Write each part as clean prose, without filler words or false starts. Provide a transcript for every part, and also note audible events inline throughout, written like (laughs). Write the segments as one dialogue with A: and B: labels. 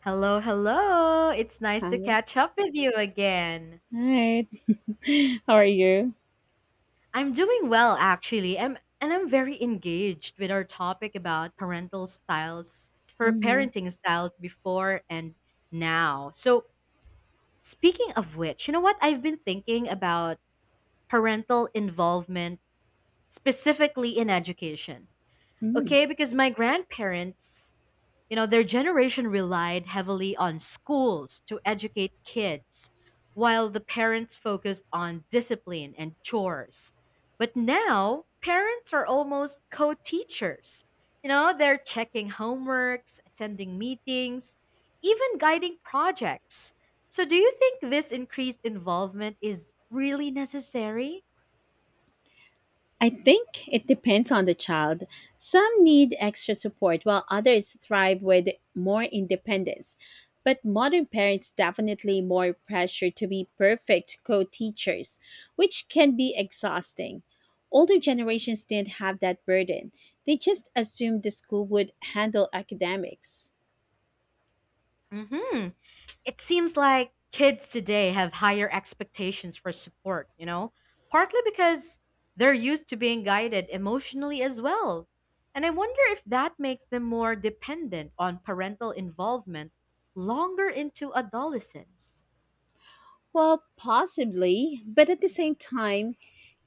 A: Hello, hello. It's nice to
B: Hi.
A: catch up with you again.
B: Hi. (laughs) How are you?
A: I'm doing well actually. I'm very engaged with our topic about parental styles,
B: Hmm.
A: parenting styles before and now. So, speaking of which, you know what? I've been thinking about parental involvement specifically in education.
B: Mm.
A: Okay, because my grandparents, you know, their generation relied heavily on schools to educate kids, while the parents focused on discipline and chores. But now, parents are almost co teachers. You know, they're checking homeworks, attending meetings, even guiding projects. So, do you think this increased involvement is really necessary?
B: I think it depends on the child. Some need extra support while others thrive with more independence. But modern parents definitely more pressure to be perfect co-teachers, which can be exhausting. Older generations didn't have that burden. They just assumed the school would handle academics.
A: Hmm. It seems like kids today have higher expectations for support, you know, partly because they're used to being guided emotionally as well. And I wonder if that makes them more dependent on parental involvement longer into adolescence.
B: Well, possibly, but at the same time,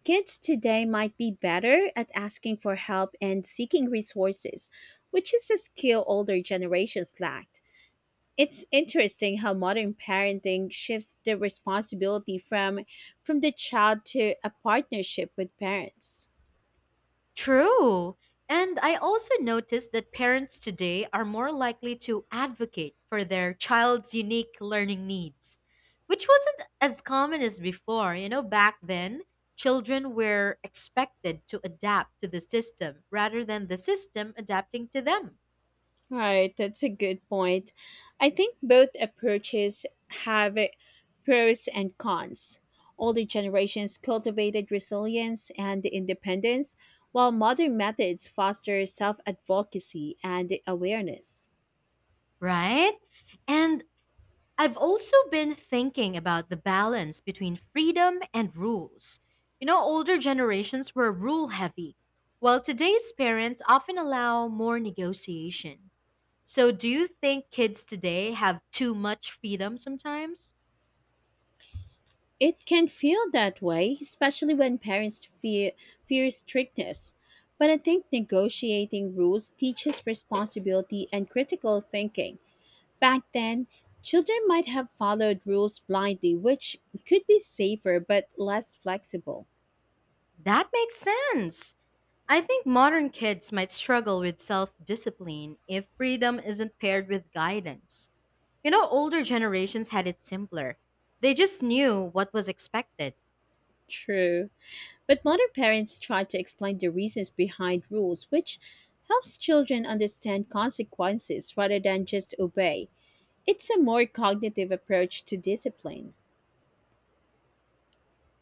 B: kids today might be better at asking for help and seeking resources, which is a skill older generations lacked. It's interesting how modern parenting shifts the responsibility from the child to a partnership with parents.
A: True. And I also noticed that parents today are more likely to advocate for their child's unique learning needs, which wasn't as common as before. You know, back then, children were expected to adapt to the system rather than the system adapting to them,
B: Right, that's a good point. I think both approaches have pros and cons. Older generations cultivated resilience and independence, while modern methods foster self advocacy and awareness.
A: right? And I've also been thinking about the balance between freedom and rules. You know, older generations were rule heavy, while today's parents often allow more negotiation. So, do you think kids today have too much freedom sometimes?
B: It can feel that way, especially when parents fear strictness. But I think negotiating rules teaches responsibility and critical thinking. Back then, children might have followed rules blindly, which could be safer but less flexible.
A: That makes sense. I think modern kids might struggle with self discipline if freedom isn't paired with guidance. You know, older generations had it simpler, they just knew what was expected.
B: True. But modern parents try to explain the reasons behind rules, which helps children understand consequences rather than just obey. It's a more cognitive approach to discipline.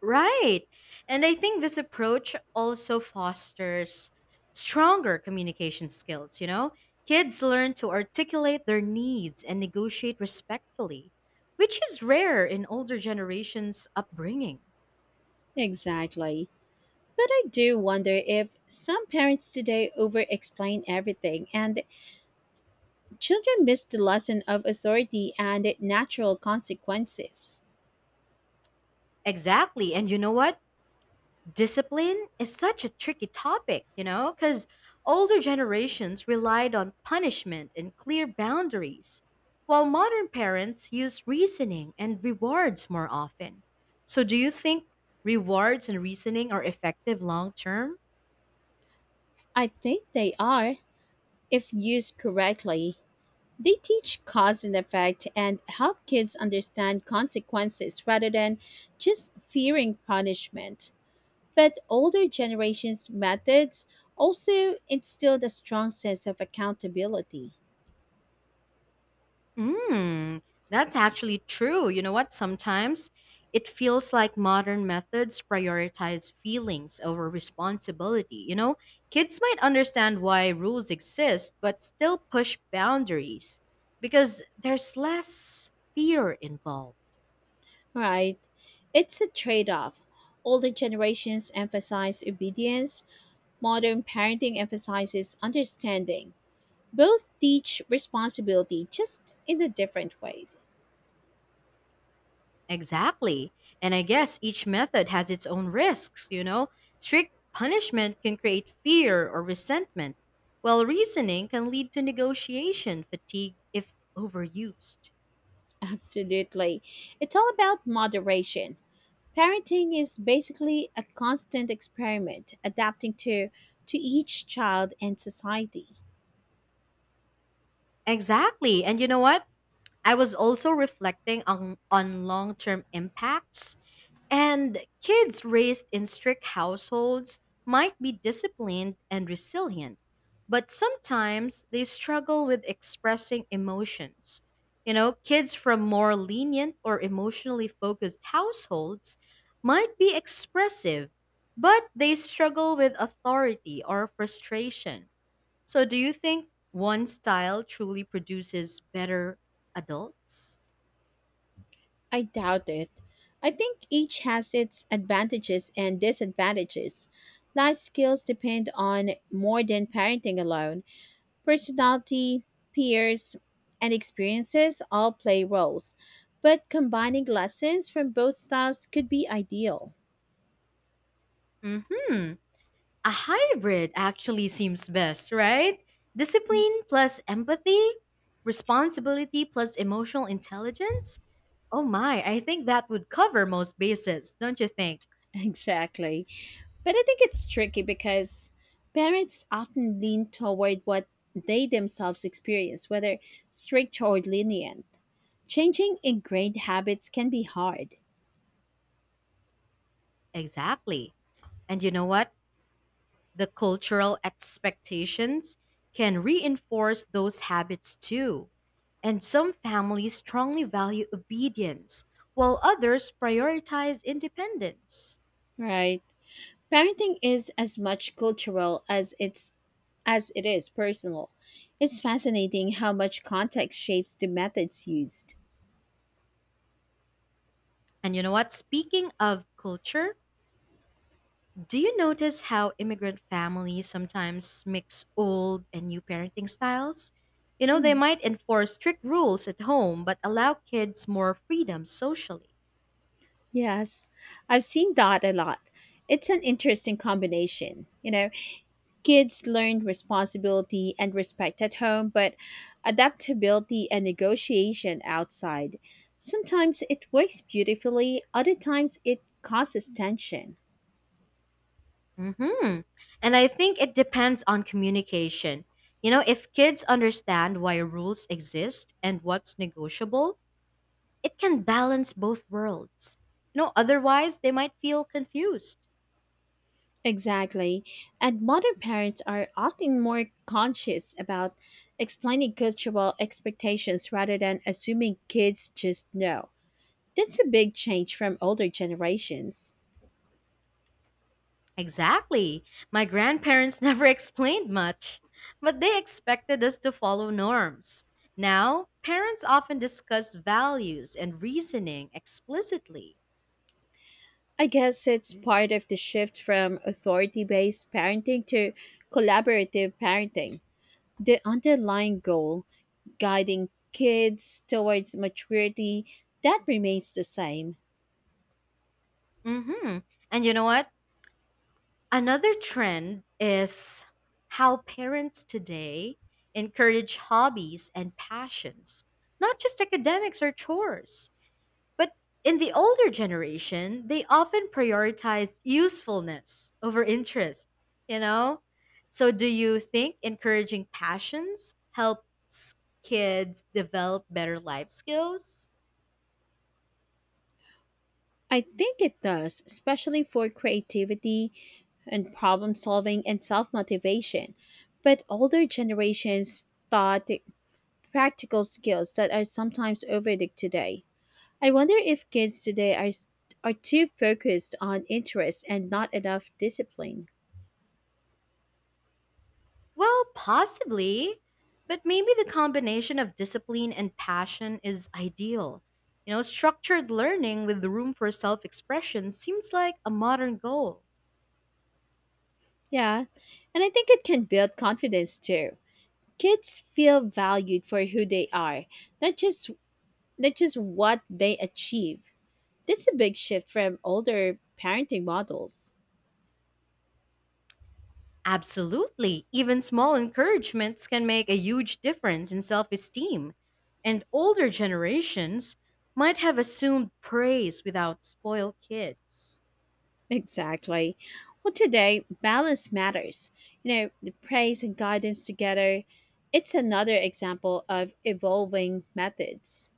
A: Right. And I think this approach also fosters stronger communication skills, you know? Kids learn to articulate their needs and negotiate respectfully, which is rare in older generations' upbringing.
B: Exactly. But I do wonder if some parents today over explain everything and children miss the lesson of authority and natural consequences.
A: Exactly. And you know what? Discipline is such a tricky topic, you know, because older generations relied on punishment and clear boundaries, while modern parents use reasoning and rewards more often. So, do you think rewards and reasoning are effective long term?
B: I think they are, if used correctly. They teach cause and effect and help kids understand consequences rather than just fearing punishment. But older generations' methods also instilled a strong sense of accountability.
A: Mm, that's actually true. You know what? Sometimes it feels like modern methods prioritize feelings over responsibility. You know, kids might understand why rules exist, but still push boundaries because there's less fear involved.
B: Right. It's a trade off. Older generations emphasize obedience, modern parenting emphasizes understanding. Both teach responsibility, just in a different ways.
A: Exactly. And I guess each method has its own risks, you know? Strict punishment can create fear or resentment, while reasoning can lead to negotiation fatigue if overused.
B: (laughs) Absolutely. It's all about moderation. Parenting is basically a constant experiment, adapting to each child and society.
A: Exactly. And you know what? I was also reflecting on long term impacts. And kids raised in strict households might be disciplined and resilient, but sometimes they struggle with expressing emotions. You know, kids from more lenient or emotionally focused households might be expressive, but they struggle with authority or frustration. So, do you think one style truly produces better adults?
B: I doubt it. I think each has its advantages and disadvantages. Life skills depend on more than parenting alone. Personality, peers, and experiences all play roles, but combining lessons from both styles could be ideal.
A: Mm hmm. A hybrid actually seems best, right?
B: (laughs)
A: Discipline plus empathy, responsibility plus emotional intelligence. Oh my, I think that would cover most bases, don't you think?
B: Exactly. But I think it's tricky because parents often lean toward what they themselves experience, whether strict or lenient. Changing ingrained habits can be hard.
A: Exactly. And you know what? The cultural expectations can reinforce those habits too. And some families strongly value obedience, while others prioritize independence.
B: Right. Parenting is as much cultural as it is personal. It's fascinating how much context shapes the methods used.
A: And you know what? Speaking of culture, do you notice how immigrant families sometimes mix old and new parenting styles? You know, they
B: Hmm.
A: might enforce strict rules at home but allow kids more freedom socially.
B: Yes, I've seen that a lot. It's an interesting combination. You know, kids learn responsibility and respect at home, but adaptability and negotiation outside. Sometimes it works beautifully, other times it causes tension.
A: Mhm. And I think it depends on communication. You know, if kids understand why rules exist and what's negotiable, it can balance both worlds. You know, otherwise they might feel confused.
B: Exactly. And modern parents are often more conscious about explaining cultural expectations rather than assuming kids just know. That's a big change from older generations.
A: Exactly. My grandparents (laughs) never explained much, but they expected us to follow norms. Now, parents often discuss values and reasoning explicitly.
B: I guess it's part of the shift from authority based parenting to collaborative parenting. The underlying goal, guiding kids towards maturity, that remains the same.
A: Mhm. And you know what? Another trend is how parents today encourage hobbies and passions, not just academics or chores. But in the older generation, they often prioritize usefulness over interest, you know? So do you think encouraging passions helps kids develop better life skills?
B: I think it does, especially for creativity and problem solving and self motivation. But older generations taught practical skills that are sometimes overlooked today. I wonder if kids today are too focused on interests and not enough discipline.
A: Well, possibly, but maybe the combination of discipline and passion is ideal. You know, structured learning with room for self expression seems like a modern goal.
B: Yeah, and I think it can build confidence too. Kids feel valued for who they are, not just not just what they achieve. That's a big shift from older parenting models.
A: Absolutely. Even small encouragements can make a huge difference in self esteem. And older generations might have assumed praise without spoiled kids.
B: Exactly. Well, today, balance matters. You know, the praise and guidance together. It's another example of evolving methods.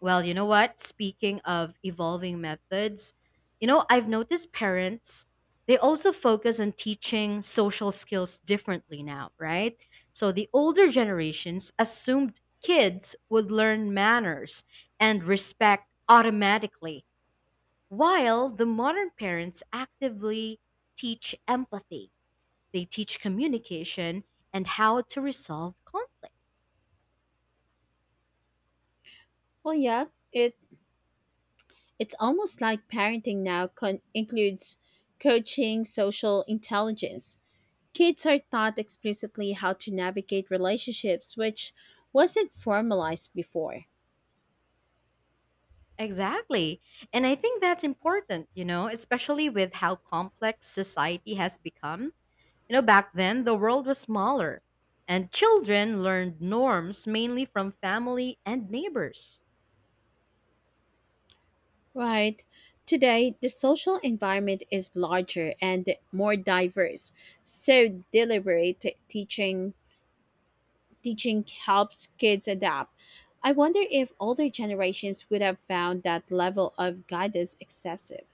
A: Well, you know what? Speaking of evolving methods, you know, I've noticed parents, they also focus on teaching social skills differently now, right? So the older generations assumed kids would learn manners and respect automatically, while the modern parents actively teach empathy, they teach communication and how to resolve conflict.
B: Well, yeah, it it's almost like parenting now includes coaching, social intelligence. Kids are taught explicitly how to navigate relationships, which wasn't formalized before.
A: Exactly. And I think that's important, you know, especially with how complex society has become. You know, back then, the world was smaller, and children learned norms mainly from family and neighbors.
B: Right. Today, the social environment is larger and more diverse. So deliberate teaching helps kids adapt. I wonder if older generations would have found that level of guidance excessive.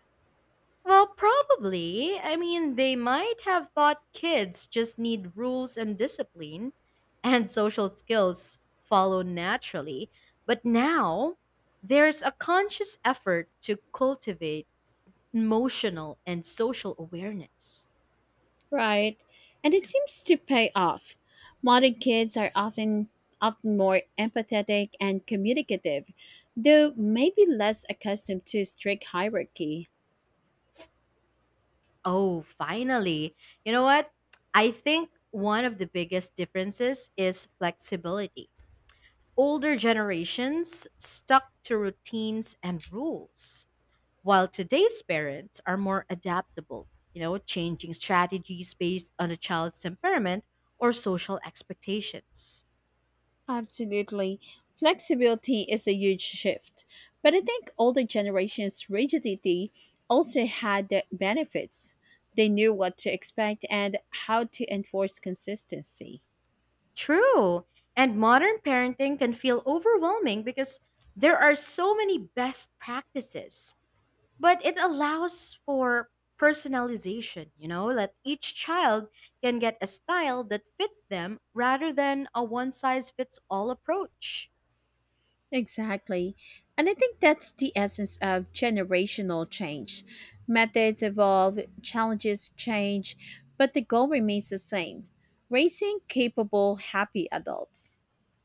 A: Well, probably. I mean, they might have thought kids just need rules and discipline, and social skills follow naturally. But now, there's a conscious effort to cultivate emotional and social awareness.
B: Right. And it seems to pay off. Modern kids are often more empathetic and communicative, though maybe less accustomed to strict hierarchy.
A: Oh, finally. You know what? I think one of the biggest differences is flexibility. Older generations stuck to routines and rules, while today's parents are more adaptable, you know, changing strategies based on a child's temperament or social expectations.
B: Absolutely. Flexibility is a huge shift. But I think older generations' rigidity also had the benefits. They knew what to expect and how to enforce consistency.
A: True. And modern parenting can feel overwhelming because there are so many best practices, but it allows for personalization, you know, that each child can get a style that fits them rather than a one size fits all approach.
B: Exactly. And I think that's the essence of generational change. Methods evolve, challenges change, but the goal remains the same, raising capable, happy adults.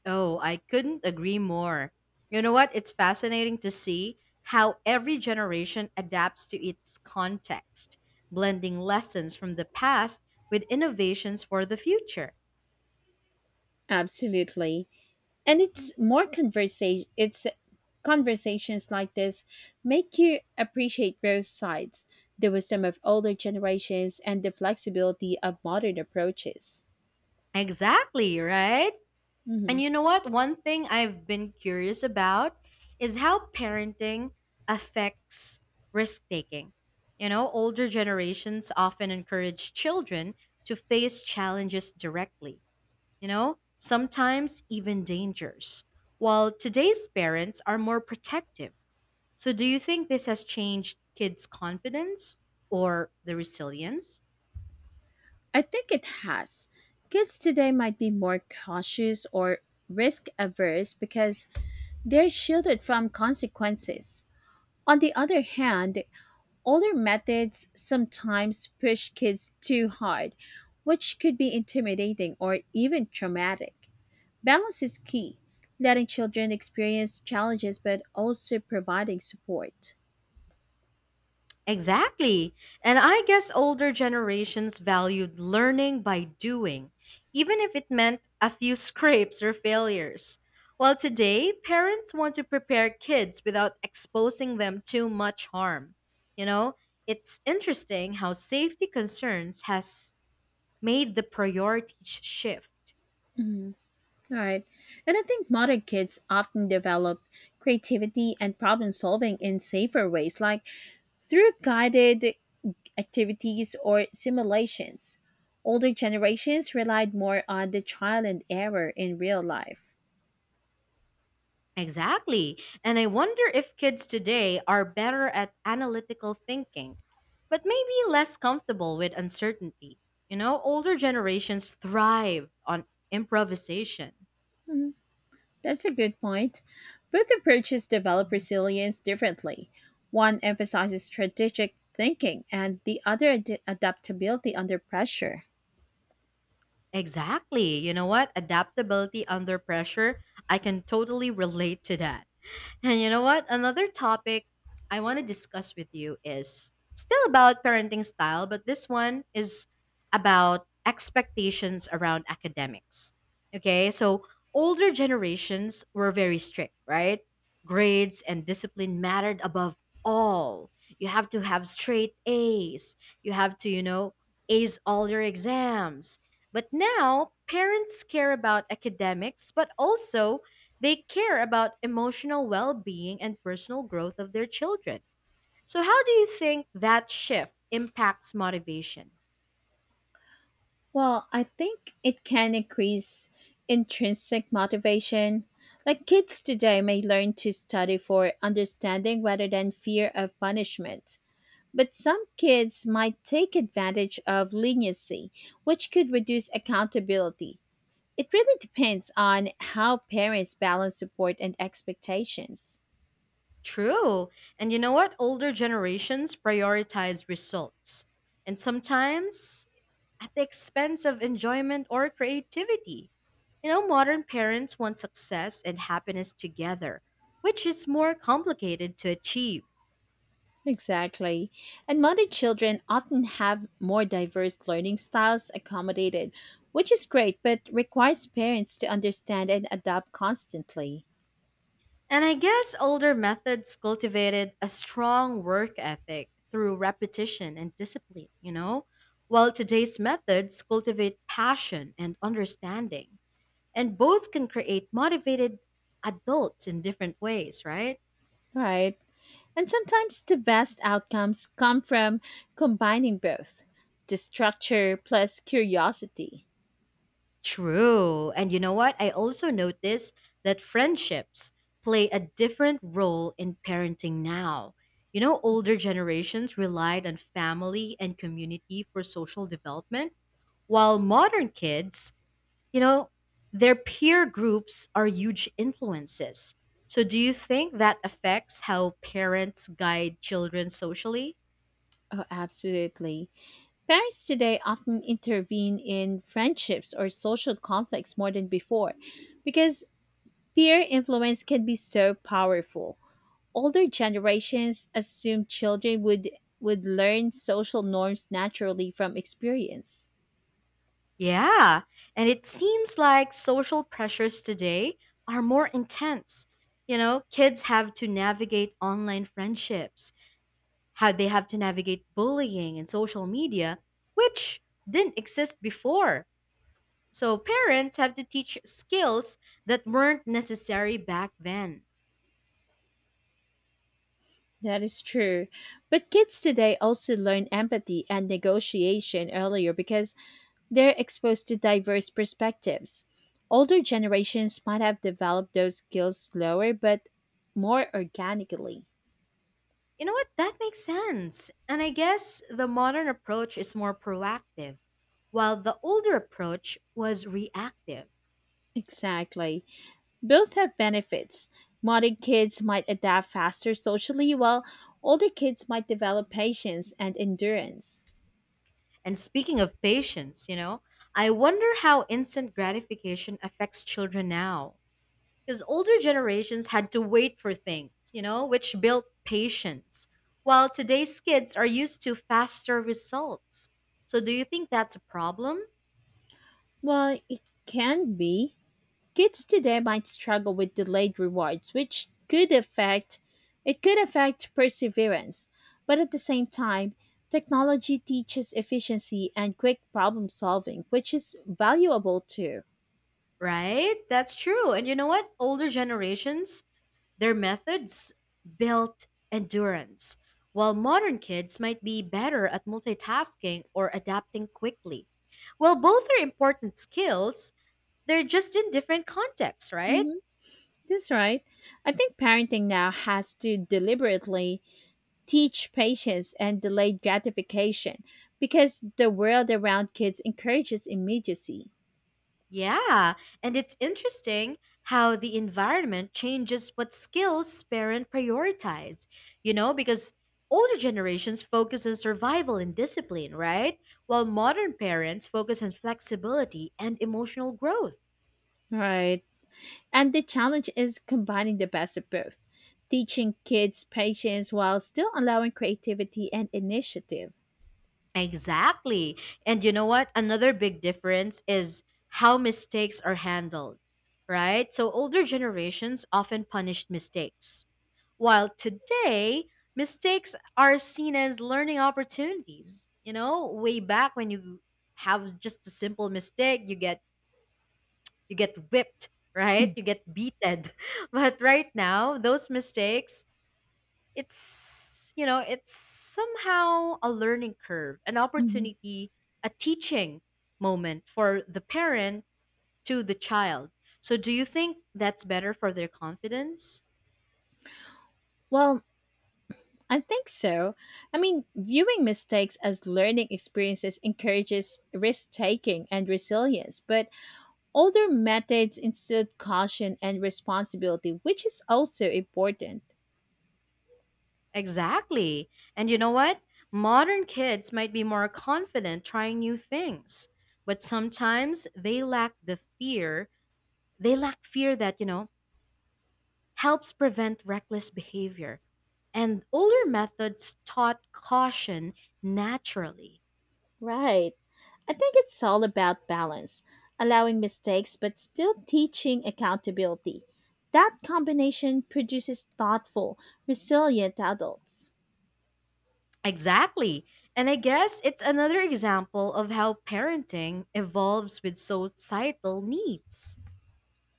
A: Oh, I couldn't agree more. You know what? It's fascinating to see how every generation adapts to its context, blending lessons from the past with innovations for the future.
B: Absolutely. And it's conversations like this make you appreciate both sides, the wisdom of older generations and the flexibility of modern approaches.
A: Exactly, right? And
B: Mhm.
A: you know what? One thing I've been curious about is how parenting affects risk taking. You know, older generations often encourage children to face challenges directly, you know, sometimes even dangerous, while today's parents are more protective. So, do you think this has changed kids' confidence or the resilience?
B: I think it has. Kids today might be more cautious or risk averse because they're shielded from consequences. On the other hand, older methods sometimes push kids too hard, which could be intimidating or even traumatic. Balance is key, letting children experience challenges but also providing support.
A: Exactly. And I guess older generations valued learning by doing, even if it meant a few (laughs) scrapes or failures. While today, parents want to prepare kids without exposing them to much harm. You know, it's interesting how safety concerns has made the priorities shift.
B: Mhm. Right. And I think modern kids often develop creativity and problem solving in safer ways, like through guided activities or simulations. Older generations relied more on the trial and error in real life.
A: Exactly. And I wonder if kids today are better at analytical thinking, but maybe less comfortable with uncertainty. You know, older generations thrived on improvisation.
B: Mhm. That's a good point. Both approaches develop resilience differently. One emphasizes strategic thinking, and the other adaptability under pressure.
A: Exactly. You know what? Adaptability under pressure. I can totally relate to that. And you know what? Another topic I want to discuss with you is still about parenting style, but this one is about expectations around academics. Okay, so older generations were very strict, right? Grades and discipline mattered above all. You have to have straight A's, you have to, you know, ace all your exams. But now, parents care about academics, but also they care about emotional well being and personal growth of their children. So, how do you think that shift impacts motivation?
B: Well, I think it can increase intrinsic motivation. Like kids today may learn to study for understanding rather than fear of punishment. But some kids might take advantage of leniency, which could reduce accountability. It really depends on how parents balance support and expectations.
A: True. And you know what? Older generations prioritize results, and sometimes at the expense of enjoyment or creativity. You know, modern parents want success and happiness together, which is more complicated to achieve.
B: Exactly. And modern children often have more diverse learning styles accommodated, which is great but requires parents to understand and adapt constantly.
A: And I guess older methods cultivated a strong work ethic through repetition and discipline, you know? While today's methods cultivate passion and understanding, and both can create motivated adults in different ways, right?
B: Right. And sometimes the best outcomes come from combining both, the structure plus curiosity.
A: True. And you know what? I also noticed that friendships play a different role in parenting now. You know, older generations relied on family and community for social development, while modern kids, you know, their peer groups are huge influences. So, do you think that affects how parents guide children socially?
B: Oh, absolutely. Parents today often intervene in friendships or social conflicts more than before because peer influence can be so powerful. Older generations assumed children would learn social norms naturally from experience.
A: Yeah, and it seems like social pressures today are more intense. You know, kids have to navigate online friendships, how they have to navigate bullying and social media, which didn't exist before. So parents have to teach skills that weren't necessary back then.
B: That is true. But kids today also learn empathy and negotiation earlier because they're exposed to diverse perspectives. Older generations might have developed those skills slower but more organically.
A: You know what? That makes sense. And I guess the modern approach is more proactive, while the older approach was reactive.
B: Exactly. Both have benefits. Modern kids might adapt faster socially, while older kids might develop patience and endurance.
A: And speaking of patience, you know, I wonder how instant gratification affects children now. Because older generations had to wait for things, you know, which built patience, while today's kids are used to faster results. So do you think that's a problem?
B: Well, it can be. Kids today might struggle with delayed rewards, which could affect perseverance. But at the same time, technology teaches efficiency and quick problem solving, which is valuable too.
A: Right? That's true. And you know what? Older generations, their methods built endurance, while modern kids might be better at multitasking or adapting quickly. Well, both are important skills, they're just in different contexts, right?
B: Hmm. That's right. I think parenting now has to deliberately teach patience and delayed gratification because the world around kids encourages immediacy.
A: Yeah, and it's interesting how the environment changes what skills parents prioritize, you know, because older generations focus on survival and discipline, right? While modern parents focus on flexibility and emotional growth.
B: Right. And the challenge is combining the best of both, teaching kids patience while still allowing creativity and initiative.
A: Exactly. And you know what? Another big difference is how mistakes are handled, right? So older generations often punished mistakes, while today, mistakes are seen as learning opportunities. You know, way back when you have just a simple mistake, you get whipped, right? You get beaten. (laughs) But right now, those mistakes, it's you know, it's somehow a learning curve, an
B: Hmm.
A: opportunity, a teaching moment for the parent to the child. So do you think that's better for their confidence?
B: Well, I think so. I mean, viewing mistakes as learning experiences encourages risk taking and resilience, but older methods instill caution and responsibility, which is also important.
A: Exactly. And you know what? Modern kids might be more confident trying new things, but sometimes they lack the fear. They lack fear that, helps prevent reckless behavior. And older methods taught caution naturally.
B: Right. I think it's all about balance, allowing mistakes but still teaching accountability. That combination produces thoughtful, resilient adults.
A: Exactly. And I guess it's another example of how parenting evolves with societal needs.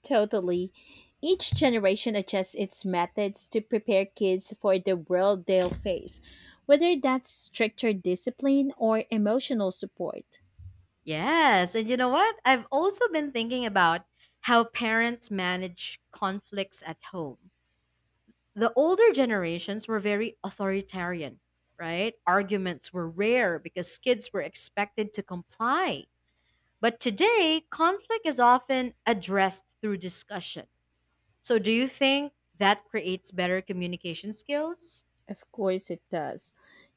B: Totally. Each generation adjusts its methods to prepare kids for the world they'll face, whether that's stricter discipline or emotional support.
A: Yes, and you know what? I've also been thinking about how parents manage conflicts at home. The older generations were very authoritarian, right? Arguments were rare because kids were expected to comply. But today, conflict is often addressed through discussion. So, do you think that creates better communication skills?
B: Of course it does.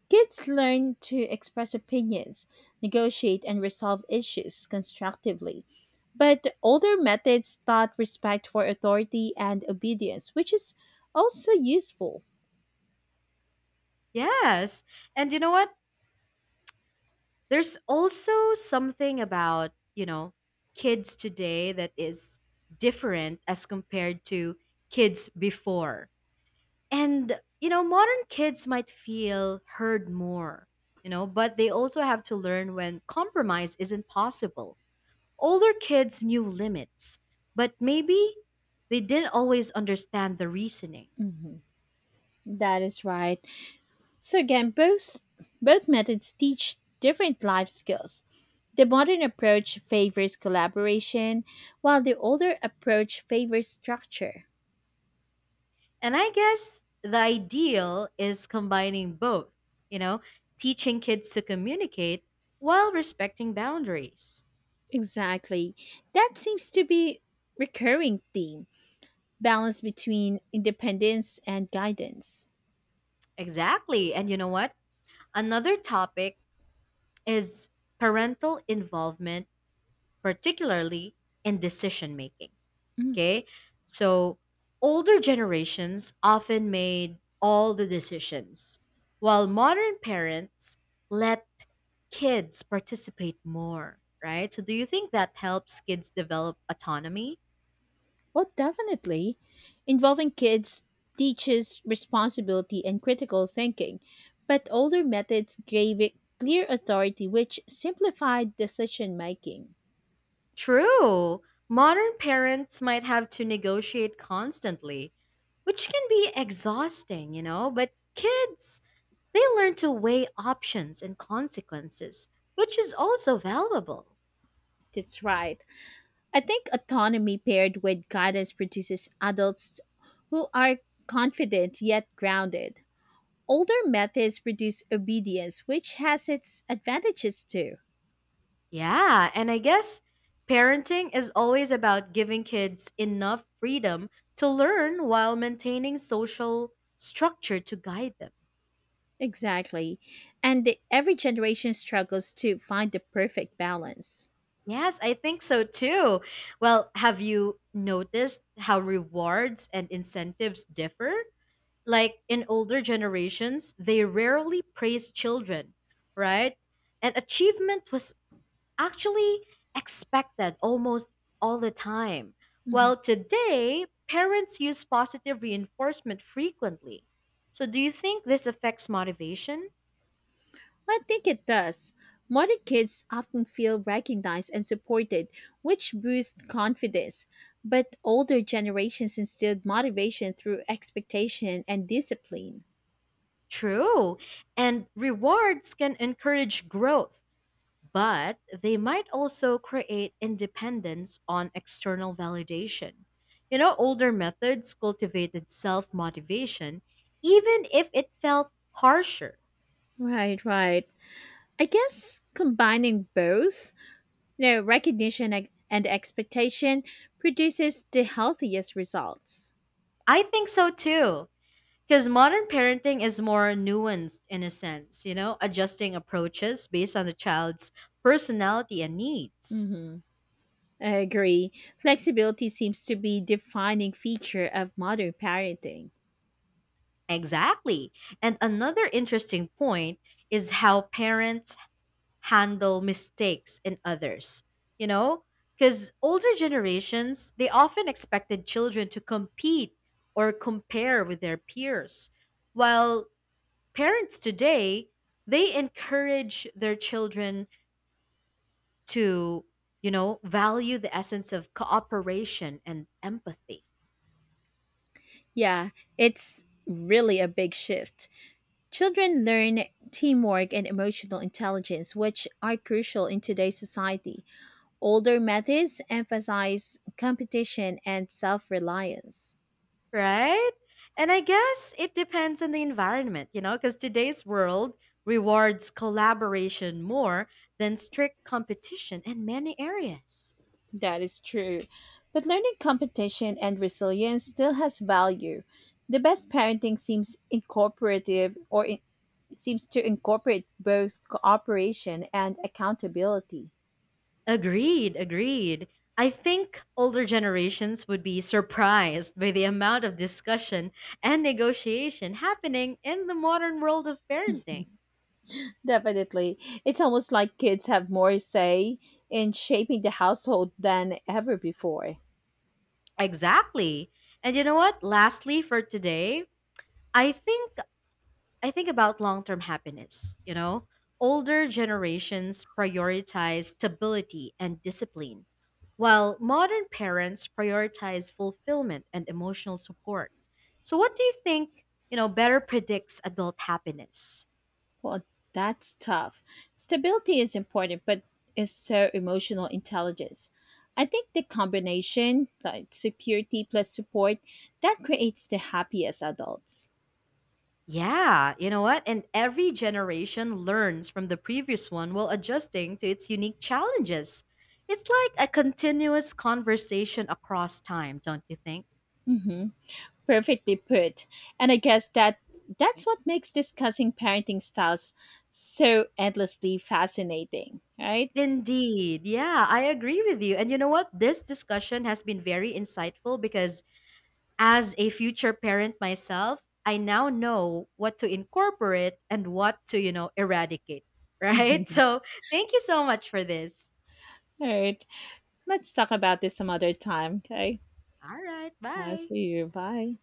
B: Kids learn to express opinions, negotiate, and resolve issues constructively. But older methods taught respect for authority and obedience, which is also useful.
A: Yes. And you know what? There's also something about, kids today that is different as compared to kids before. And, modern kids might feel heard more, but they also have to learn when compromise isn't possible. Older kids knew limits, but maybe they didn't always understand the reasoning.
B: That is right. So again, both methods teach different life skills. The modern approach favors collaboration, while the older approach favors structure.
A: And I guess the ideal is combining both, you know, teaching kids to communicate while respecting boundaries.
B: Exactly. That seems to be recurring theme, balance between independence and guidance.
A: Exactly. And you know what? Another topic is parental involvement, particularly in decision making.
B: Mm.
A: Okay. So older generations often made all the decisions, while modern parents let kids participate more, right? So, do you think that helps kids develop autonomy?
B: Well, definitely. Involving kids teaches responsibility and critical thinking, but older methods gave it clear authority, which simplified decision making.
A: True. Modern parents might have to negotiate constantly, which can be exhausting, but kids, they learn to weigh options and consequences, which is also valuable.
B: That's right. I think autonomy paired with guidance produces adults who are confident yet grounded. Older methods produce obedience, which has its advantages too.
A: Yeah, and I guess parenting is always about giving kids enough freedom to learn while maintaining social structure to guide them.
B: Exactly. And every generation struggles to find the perfect balance.
A: Yes, I think so too. Well, have you noticed how rewards and incentives differ? Like in older generations, they rarely praised children, right? And achievement was actually expected almost all the time.
B: Mhm.
A: Well, today, parents use positive reinforcement frequently. So, do you think this affects motivation?
B: I think it does. Modern kids often feel recognized and supported, which boosts confidence. But older generations instilled motivation through expectation and discipline.
A: True, and rewards can encourage growth, but they might also create independence on external validation. You know, older methods cultivated self motivation, even if it felt harsher.
B: Right, right. I guess combining both, you know, recognition and expectation produces the healthiest results.
A: I think so too, because modern parenting is more nuanced in a sense, adjusting approaches based on the child's personality and needs.
B: Hmm. I agree. Flexibility seems to be defining feature of modern parenting.
A: Exactly. And another interesting point is how parents handle mistakes in others. You know, because older generations, they often expected children to compete or compare with their peers. While parents today, they encourage their children to value the essence of cooperation and empathy.
B: Yeah, it's really a big shift. Children learn teamwork and emotional intelligence, which are crucial in today's society. Older methods emphasize competition and self-reliance.
A: Right? And I guess it depends on the environment, because today's world rewards collaboration more than strict competition in many areas.
B: That is true. But learning competition and resilience still has value. The best parenting seems incorporative or in, seems to incorporate both cooperation and accountability.
A: Agreed, agreed. I think older generations would be surprised by the amount of discussion and negotiation happening in the modern world of parenting.
B: Definitely. It's almost like kids have more say in shaping the household than ever before.
A: Exactly. And you know what? Lastly, for today, I think I think about long term happiness, you know? Older generations prioritize stability and discipline, while modern parents prioritize fulfillment and emotional support. So, what do you think, better predicts adult happiness?
B: Well, that's tough. Stability is important, but it's so emotional intelligence. I think the combination, like security plus support, that creates the happiest adults.
A: Yeah, you know what? And every generation learns from the previous one while adjusting to its unique challenges. It's like a continuous conversation across time, don't you think?
B: Mm-hmm. Perfectly put. And I guess that's what makes discussing parenting styles so endlessly fascinating, right?
A: Indeed. Yeah, I agree with you. And you know what? This discussion has been very insightful because as a future parent myself, I now know what to incorporate and what to eradicate. (laughs)
B: (laughs)
A: Right?
B: All
A: So thank you so much for this.
B: right. Let's talk about this some other time. Okay.
A: All right.
B: I'll
A: Bye.
B: see you. Bye.